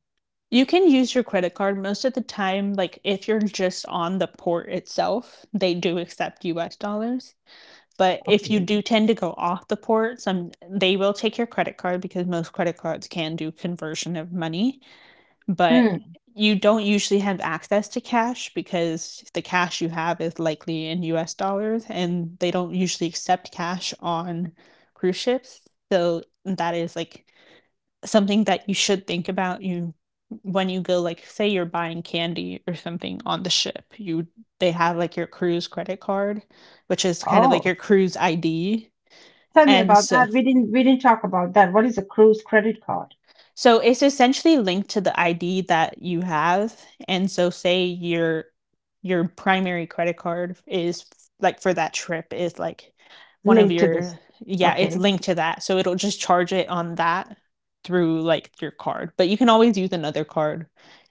You can use your credit card most of the time. Like if you're just on the port itself, they do accept US dollars. But if you Okay. do tend to go off the port, some they will take your credit card because most credit cards can do conversion of money, but Hmm. you don't usually have access to cash, because the cash you have is likely in US dollars and they don't usually accept cash on cruise ships. So that is like something that you should think about you when you go, like say you're buying candy or something on the ship, you they have like your cruise credit card, which is kind of like Oh, your cruise ID. tell me and about so that. We didn't talk about that. What is a cruise credit card So it's essentially linked to the ID that you have. And so say your primary credit card is like for that trip is like one of linked to this? your yeah, it's Okay. linked to that. So it'll just charge it on that through like your card. But you can always use another card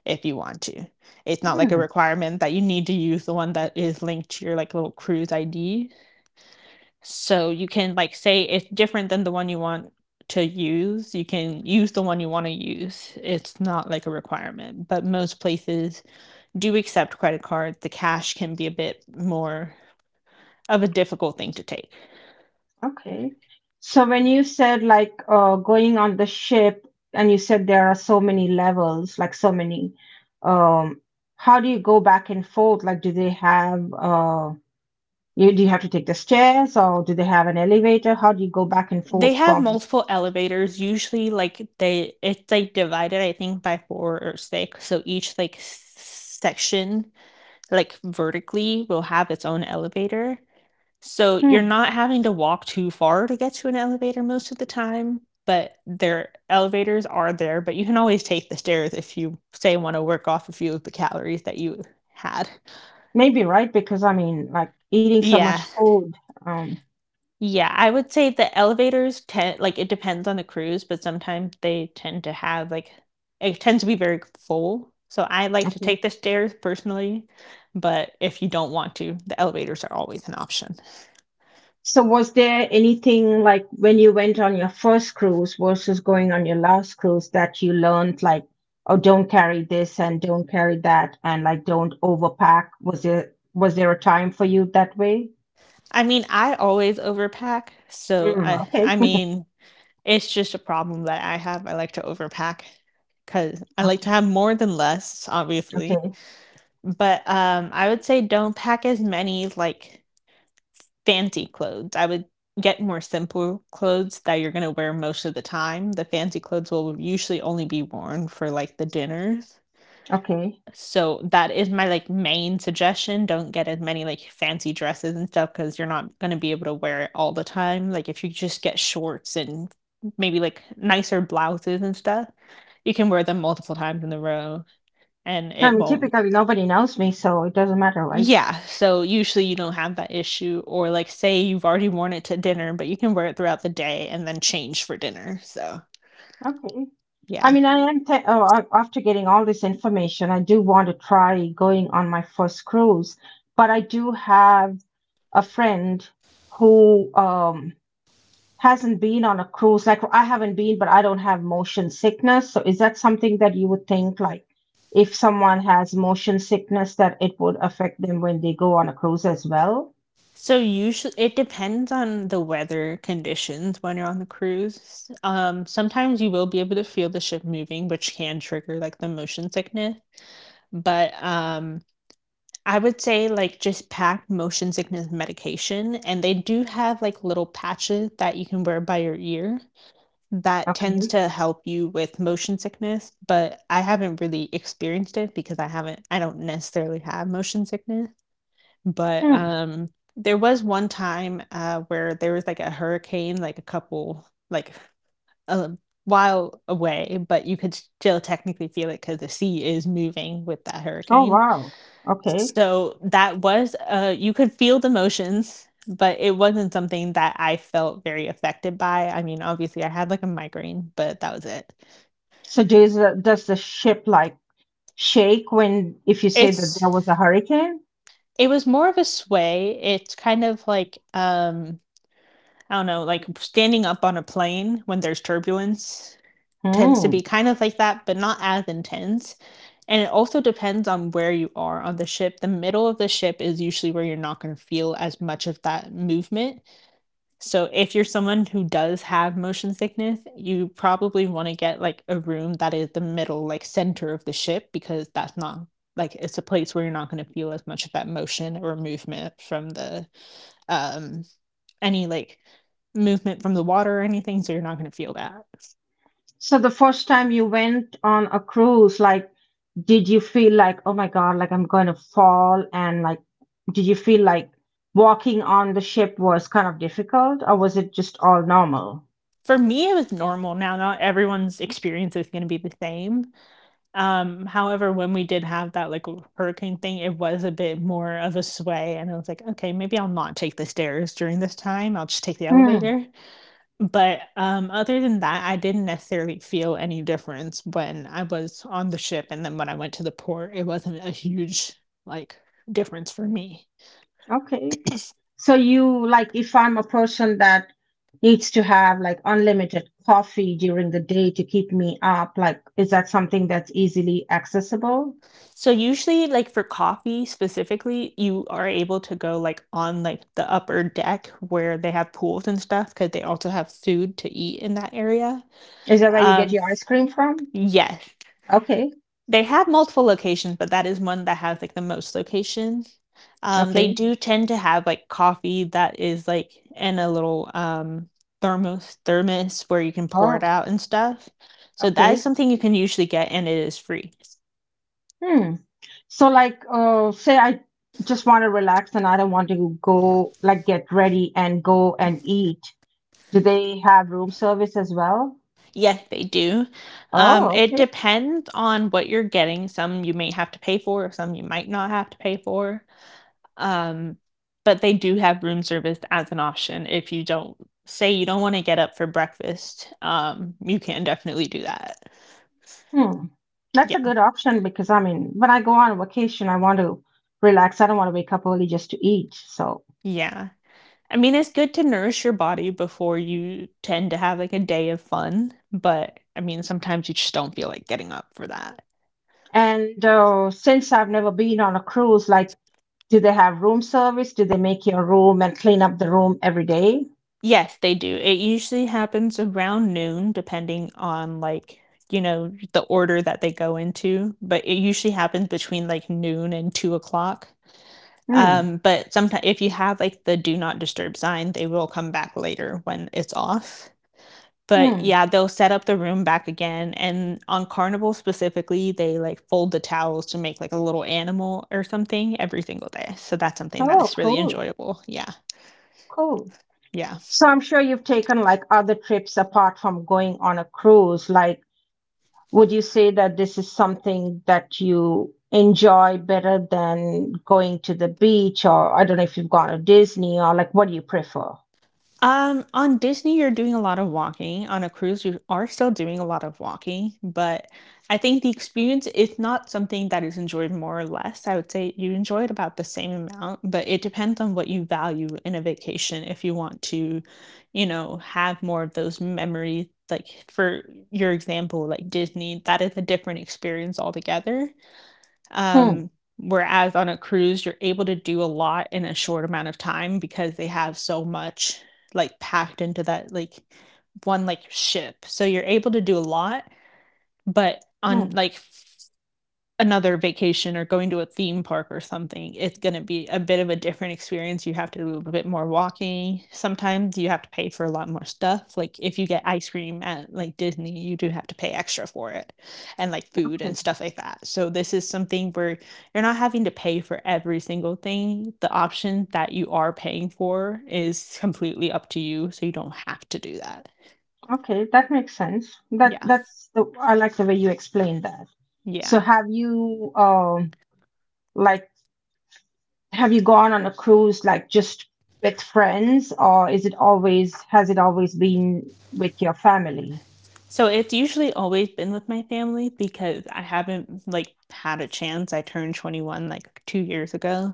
if you want to. It's not like a requirement that you need to use the one that is linked to your like little cruise ID. So you can like say it's different than the one you want to use. You can use the one you want to use. It's not like a requirement, but most places do accept credit cards. The cash can be a bit more of a difficult thing to take. Okay. So when you said like, going on the ship and you said there are so many levels, like so many, um, how do you go back and forth? Like, do they have, you do you have to take the stairs or do they have an elevator? How do you go back and They forth have from? multiple elevators. Usually like they it's like divided I think by 4 or 6. So each like section like vertically will have its own elevator. So you're Hmm, not having to walk too far to get to an elevator most of the time, but their elevators are there, but you can always take the stairs if you say want to work off a few of the calories that you had. maybe right, because I mean, like eating so much Yeah. food. Um, Yeah, I would say the elevators tend like it depends on the cruise, but sometimes they tend to have like it tends to be very full. So I like to okay. take the stairs personally, but if you don't want to, the elevators are always an option. So was there anything like when you went on your first cruise versus going on your last cruise that you learned, like, oh, don't carry this and don't carry that and like don't overpack? Was there a time for you that way? I mean, I always overpack, so Mm, I okay, I mean, it's just a problem that I have. I like to overpack because I like okay, to have more than less, obviously. okay, But I would say don't pack as many like fancy clothes. I would get more simple clothes that you're gonna wear most of the time. The fancy clothes will usually only be worn for like the dinners. okay. So that is my like main suggestion. Don't get as many like fancy dresses and stuff because you're not going to be able to wear it all the time. Like if you just get shorts and maybe like nicer blouses and stuff, you can wear them multiple times in a row and I it mean, won't. typically nobody knows me, so it doesn't matter, right? Yeah, so usually you don't have that issue or like say you've already worn it to dinner, but you can wear it throughout the day and then change for dinner. So, Okay. I yeah. mean, oh, after getting all this information, I do want to try going on my first cruise, but I do have a friend who, hasn't been on a cruise. Like I haven't been, but I don't have motion sickness. So is that something that you would think, like, if someone has motion sickness that it would affect them when they go on a cruise as well? So usually it depends on the weather conditions when you're on the cruise. Sometimes you will be able to feel the ship moving, which can trigger like the motion sickness. But I would say like just pack motion sickness medication, and they do have like little patches that you can wear by your ear that tends Okay. to help you with motion sickness. But I haven't really experienced it because I haven't, I don't necessarily have motion sickness. But, Hmm. There was one time, where there was, like, a hurricane, like, a couple like, a while away, but you could still technically feel it because the sea is moving with that Oh hurricane. wow. Okay. So, that was, you could feel the motions, but it wasn't something that I felt very affected by. I mean, obviously, I had, like, a migraine, but that was it. So does the ship like shake when if you say that there It's was a hurricane? it was more of a sway. It's kind of like, I don't know, like standing up on a plane when there's turbulence tends to be Hmm. kind of like that, but not as intense. And it also depends on where you are on the ship. The middle of the ship is usually where you're not going to feel as much of that movement. So, if you're someone who does have motion sickness, you probably want to get like a room that is the middle, like center of the ship, because that's not like it's a place where you're not going to feel as much of that motion or movement from the um any like movement from the water or anything, so you're not going to feel that. So the first time you went on a cruise, like, did you feel like, oh my God, like I'm going to fall? And like, did you feel like walking on the ship was kind of difficult, or was it just all normal? For me, it was normal. Now, not everyone's experience is going to be the same. However, when we did have that like hurricane thing, it was a bit more of a sway, and I was like, okay, maybe I'll not take the stairs during this time. I'll just take the Hmm. elevator. But, other than that, I didn't necessarily feel any difference when I was on the ship and then when I went to the port, it wasn't a huge, like, difference for me. Okay. So you like, if I'm a person that needs to have like unlimited coffee during the day to keep me up, like, is that something that's easily accessible? So, usually, like, for coffee specifically, you are able to go, like, on, like, the upper deck where they have pools and stuff because they also have food to eat in that area. Is that where you get Um, your ice cream from? yes. Okay. They have multiple locations, but that is one that has like the most locations. They Okay. do tend to have like coffee that is like in a little thermos where you can pour Oh, it out and stuff. So that is okay. something you can usually get and it is free. Hmm. So, like, say I just want to relax and I don't want to go, like, get ready and go and eat. Do they have room service as well? Yes, they do. Oh, It okay. depends on what you're getting. Some you may have to pay for, some you might not have to pay for. Um, but they do have room service as an option if you don't say you don't want to get up for breakfast. You can definitely do that. Hmm. That's a Yeah. good option because, I mean, when I go on vacation, I want to relax. I don't want to wake up early just to eat. So, Yeah. I mean, it's good to nourish your body before you tend to have like a day of fun, but I mean, sometimes you just don't feel like getting up for that. and, since I've never been on a cruise, like, do they have room service? Do they make your room and clean up the room every day? Yes, they do. It usually happens around noon, depending on like, you know, the order that they go into, but it usually happens between like noon and 2 o'clock. Hmm. But sometimes if you have like the do not disturb sign, they will come back later when it's off. But Hmm. yeah, they'll set up the room back again. And on Carnival specifically, they like fold the towels to make like a little animal or something every single day. So that's something that Oh, is really cool. enjoyable. Yeah. Cool. Yeah. So I'm sure you've taken like other trips apart from going on a cruise. Like, would you say that this is something that you enjoy better than going to the beach? Or I don't know if you've gone to Disney or like, what do you prefer? On Disney, you're doing a lot of walking. On a cruise, you are still doing a lot of walking, but I think the experience is not something that is enjoyed more or less. I would say you enjoy it about the same amount, but it depends on what you value in a vacation. If you want to, you know, have more of those memories, like for your example, like Disney, that is a different experience altogether. Hmm. Um, Whereas on a cruise, you're able to do a lot in a short amount of time because they have so much like packed into that like one like ship. So you're able to do a lot, but on Hmm. like another vacation or going to a theme park or something, it's going to be a bit of a different experience. You have to do a little bit more walking. Sometimes you have to pay for a lot more stuff. Like if you get ice cream at like Disney, you do have to pay extra for it and like food and Okay. stuff like that. So this is something where you're not having to pay for every single thing. The option that you are paying for is completely up to you, so you don't have to do that. Okay. That makes sense. That Yeah. that's the I like the way you explained that. So Yeah. Like Have you gone on a cruise like just with friends, or is it always has it always been with your family? So it's usually always been with my family because I haven't like had a chance. I turned 21 like 2 years ago.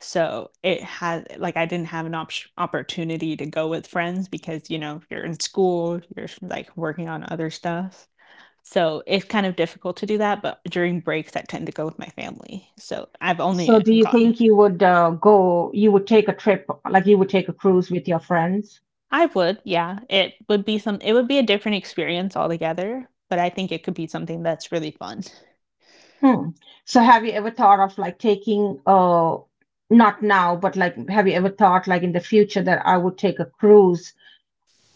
So it had like I didn't have an opportunity to go with friends because you know, you're in school, you're like working on other stuff. So it's kind of difficult to do that, but during breaks I tend to go with my family. So I've So only do you gone. think you would, take a trip, like you would take a cruise with your friends? I would, yeah. It would be some it would be a different experience altogether, but I think it could be something that's really fun. Hmm. So have you ever thought of like taking, not now, but like have you ever thought like in the future that I would take a cruise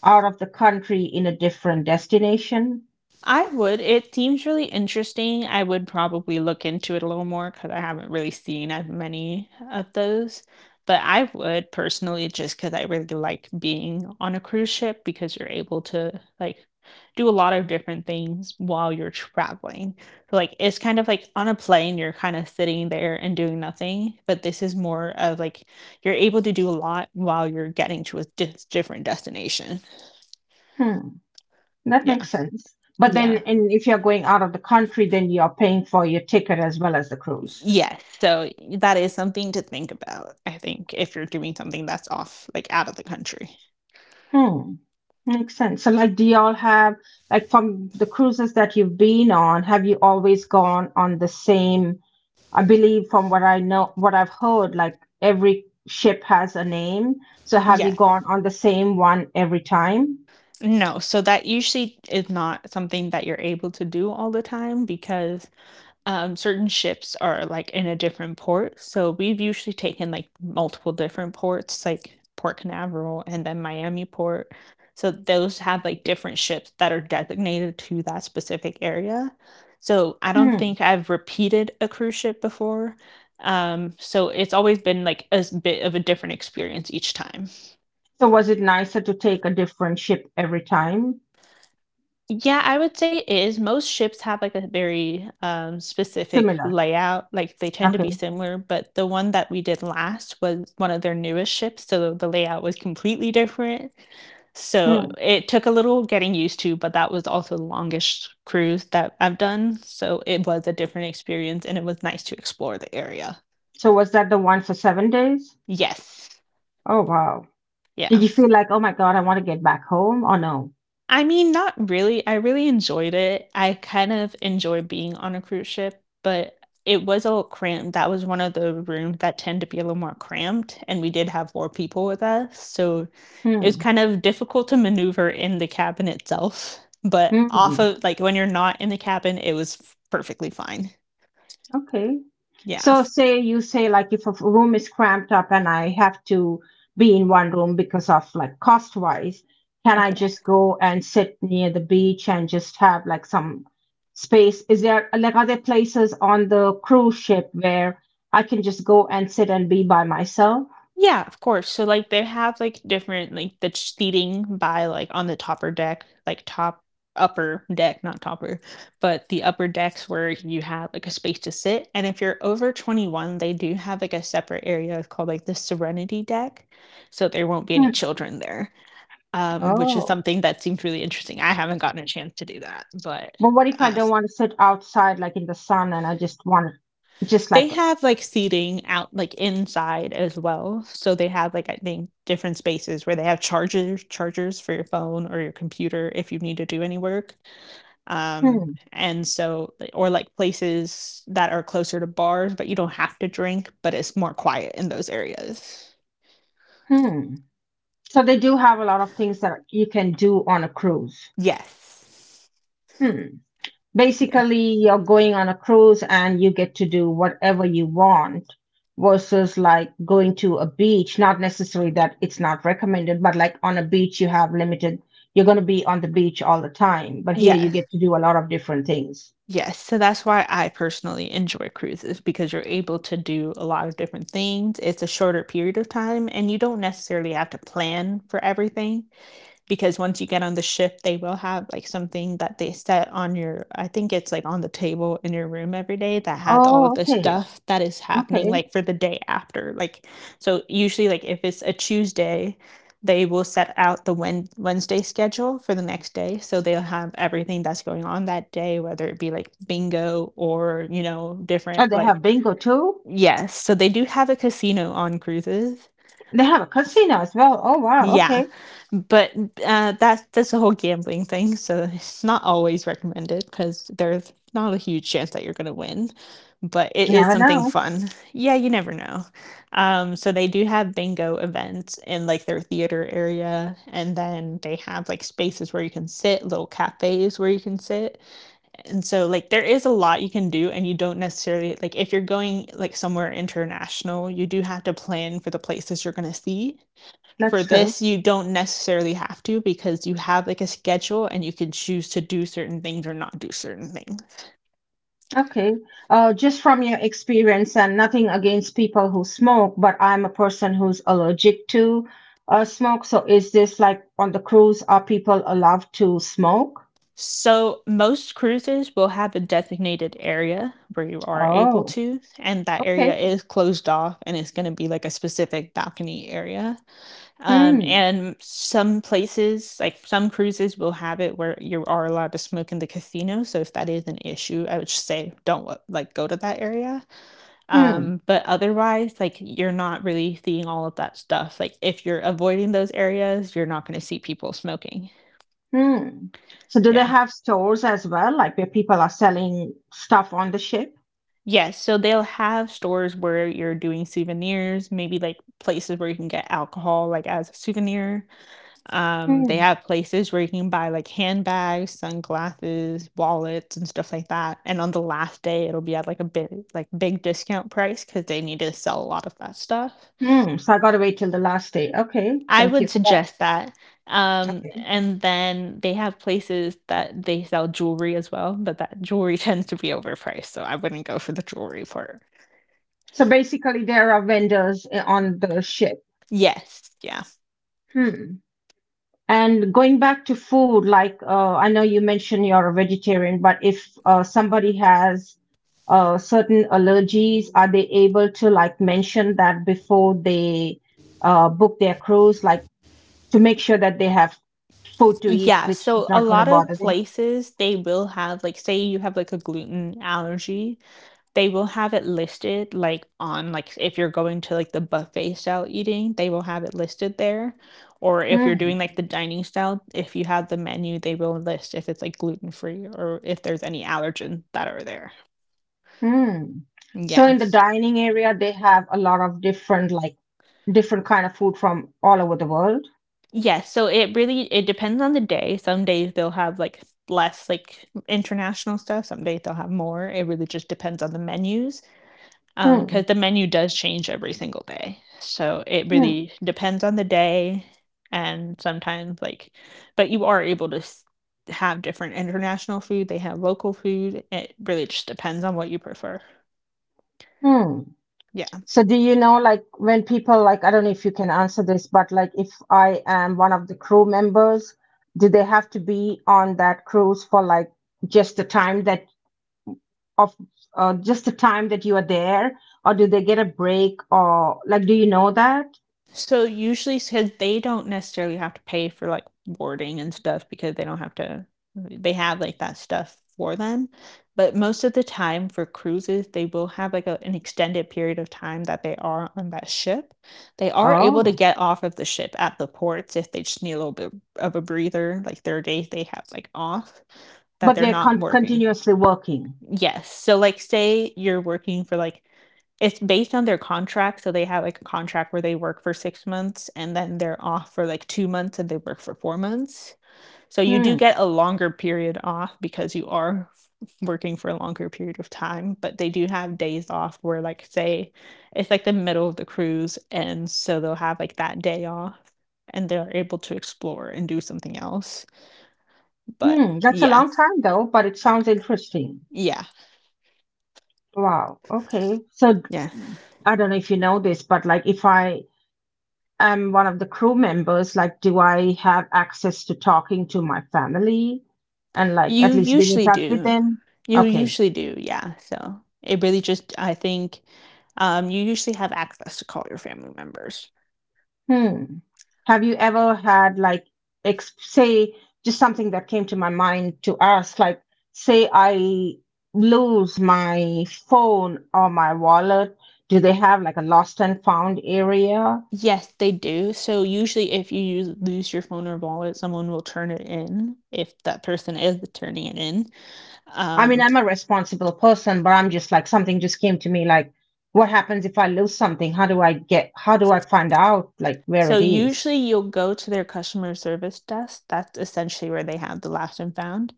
out of the country in a different destination? I would. It seems really interesting. I would probably look into it a little more because I haven't really seen as many of those. But I would personally, just because I really like being on a cruise ship because you're able to like do a lot of different things while you're traveling. So, like, it's kind of like on a plane, you're kind of sitting there and doing nothing. But this is more of like you're able to do a lot while you're getting to a different destination. Hmm, that Yeah. makes sense. But then, Yeah. and if you're going out of the country, then you're paying for your ticket as well as the cruise. Yes, so that is something to think about, I think, if you're doing something that's off like, out of the country. Hmm, makes sense. So, like, do y'all have, like, from the cruises that you've been on, have you always gone on the same? I believe from what I know, what I've heard, like, every ship has a name. So, have you Yes. gone on the same one every time? No, so that usually is not something that you're able to do all the time because certain ships are like in a different port. So we've usually taken like multiple different ports, like Port Canaveral and then Miami port. So those have like different ships that are designated to that specific area. So I don't Hmm. think I've repeated a cruise ship before. So it's always been like a bit of a different experience each time. So was it nicer to take a different ship every time? Yeah, I would say it is. Most ships have, like, a very, specific Similar. layout, like, they tend to be Okay. similar, but the one that we did last was one of their newest ships, so the layout was completely different. So, Hmm. it took a little getting used to, but that was also the longest cruise that I've done, so it was a different experience, and it was nice to explore the area. So was that the one for 7 days? Yes. Oh wow. Yeah. Did you feel like, oh my God, I want to get back home, or no? I mean, not really. I really enjoyed it. I kind of enjoy being on a cruise ship, but it was a little cramped. That was one of the rooms that tend to be a little more cramped, and we did have more people with us, so it was Hmm. kind of difficult to maneuver in the cabin itself. But off Hmm. of like when you're not in the cabin, it was perfectly fine. Okay. Yeah. So say you say like if a room is cramped up and I have to be in one room because of like cost wise, can I Okay. just go and sit near the beach and just have like some space? Is there like are there places on the cruise ship where I can just go and sit and be by myself? Yeah, of course. So like they have like different like the seating by like on the topper deck, like top upper deck, not topper, but the upper decks where you have like a space to sit. And if you're over 21, they do have like a separate area called like the Serenity deck. So there won't be any Hmm. children there. Which is Oh. something that seems really interesting. I haven't gotten a chance to do that, but But what if I uh, don't want to sit outside like in the sun and I just want, just like, they have, like, seating out, like, inside as well. So they have, like, I think, different spaces where they have chargers for your phone or your computer if you need to do any work. Um, hmm and so like or, like, places that are closer to bars, but you don't have to drink, but it's more quiet in those areas. hmm. So they do have a lot of things that you can do on a cruise. Yes. Hmm. Yeah. Basically, you're going on a cruise and you get to do whatever you want versus like going to a beach. Not necessarily that it's not recommended, but like on a beach, you have limited, you're going to be on the beach all the time. But here you Yes. get to do a lot of different things. Yes, so that's why I personally enjoy cruises because you're able to do a lot of different things. It's a shorter period of time, and you don't necessarily have to plan for everything, because once you get on the ship, they will have like something that they set on your, I think it's like on the table in your room every day, that has all Oh, of the okay. stuff that is happening Okay. like for the day after. Like so usually like if it's a Tuesday, they will set out the Wednesday schedule for the next day, so they'll have everything that's going on that day, whether it be like bingo or you know different Oh, they like, have bingo too. yes, so they do have a casino on cruises. They have a casino as well. Oh, wow. Yeah, Okay. but that's the whole gambling thing. So it's not always recommended because there's not a huge chance that you're going to win, but it is Never something know. fun. Yeah, you never know. So they do have bingo events in like their theater area, and then they have like spaces where you can sit, little cafes where you can sit, and so like there is a lot you can do. And you don't necessarily like, if you're going like somewhere international, you do have to plan for the places you're going to see. For That's true. this you don't necessarily have to, because you have like a schedule and you can choose to do certain things or not do certain things. Okay. Just from your experience, and nothing against people who smoke, but I'm a person who's allergic to, smoke. So is this like on the cruise, are people allowed to smoke? So most cruises will have a designated area where you are able Oh, to, and that okay. area is closed off, and it's going to be like a specific balcony area. Hmm. And some places, like some cruises, will have it where you are allowed to smoke in the casino. So if that is an issue, I would just say don't like go to that area. Hmm. But otherwise, like you're not really seeing all of that stuff. Like if you're avoiding those areas, you're not going to see people smoking. Hmm. So do they Yeah. have stores as well, like where people are selling stuff on the ship? Yes, so they'll have stores where you're doing souvenirs, maybe like places where you can get alcohol like as a souvenir. They Hmm. have places where you can buy like handbags, sunglasses, wallets, and stuff like that. And on the last day, it'll be at like a big like big discount price because they need to sell a lot of that stuff. Hmm. So I gotta wait till the last day. Okay. I Thank you would for that. suggest that. Okay. And then they have places that they sell jewelry as well, but that jewelry tends to be overpriced, so I wouldn't go for the jewelry part. So basically, there are vendors on the ship. Yes, yeah. Hmm. And going back to food, like, I know you mentioned you're a vegetarian, but if, somebody has, certain allergies, are they able to like mention that before they, book their cruise, like to make sure that they have food to eat, Yeah, which so is a not going lot to of bother them? places they will have like, say you have like a gluten allergy, they will have it listed like on, like if you're going to like the buffet style eating, they will have it listed there. Or if you're Mm, doing like the dining style, if you have the menu, they will list if it's like gluten free or if there's any allergens that are there. mm. So Yeah. in the dining area, they have a lot of different kind of food from all over the world. Yes, so it really, it depends on the day. Some days they'll have like less like international stuff, some days they'll have more. It really just depends on the menus. Um, Mm, because the menu does change every single day, so it mm, really depends on the day. And sometimes like, but you are able to have different international food, they have local food, it really just depends on what you prefer. mm. Yeah. So do you know like when people like I don't know if you can answer this, but like if I am one of the crew members, do they have to be on that cruise for like just the time that of just the time that you are there, or do they get a break or like do you know that? So usually, because they don't necessarily have to pay for like boarding and stuff, because they don't have to. They have like that stuff for them, but most of the time for cruises, they will have like a, an extended period of time that they are on that ship. They are able to Oh, get off of the ship at the ports if they just need a little bit of a breather. Like there are days they have like off that but they're they're con not working. continuously working. Yes. So, like, say you're working for like, it's based on their contract, so they have like a contract where they work for 6 months and then they're off for like 2 months and they work for 4 months. So you do Hmm. get a longer period off because you are working for a longer period of time, but they do have days off where like, say it's like the middle of the cruise, and so they'll have like that day off, and they're able to explore and do something else. But Hmm. That's a yeah. long time though, but it sounds interesting. Yeah. Wow. Okay. So Yeah. I don't know if you know this, but like if I am one of the crew members, like, do I have access to talking to my family and like You at least being in usually touch with do. them? You Okay. usually do, yeah. So it really just, I think, you usually have access to call your family members. Hmm. Have you ever had, like, say, just something that came to my mind to ask, like, say I lose my phone or my wallet, do they have like a lost and found area? Yes, they do. So usually, if you use, lose your phone or wallet, someone will turn it in if that person is turning it in. I mean, Um, I'm a responsible person, but I'm just like something just came to me like, what happens if I lose something? How do I find out like where so it is? usually, you'll go to their customer service desk. That's essentially where they have the last and found.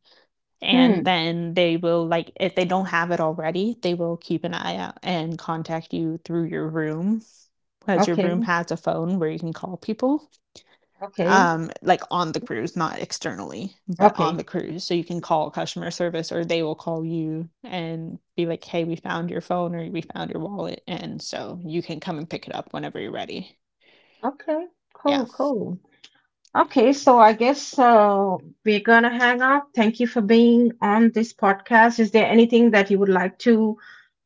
And Hmm. then they will, like, if they don't have it already, they will keep an eye out and contact you through your room. Has your Okay. room, has a phone where you can call people, Okay. Like on the cruise, not externally, but on Okay. the cruise. So you can call customer service, or they will call you and be like, hey, we found your phone or we found your wallet, and so you can come and pick it up whenever you're ready. Okay. Cool. Yeah. Cool. Okay. So I guess, we're going to hang up. Thank you for being on this podcast. Is there anything that you would like to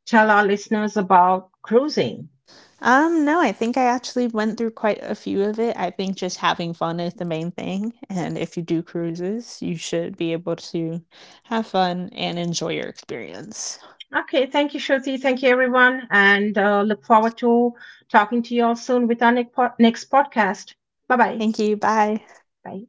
tell our listeners about cruising? No, I think I actually went through quite a few of it. I think just having fun is the main thing, and if you do cruises, you should be able to have fun and enjoy your experience. Okay, thank you, Shruti. Thank you, everyone. And, look forward to talking to you all soon with our next next podcast. Bye-bye. Thank you, bye. Bye.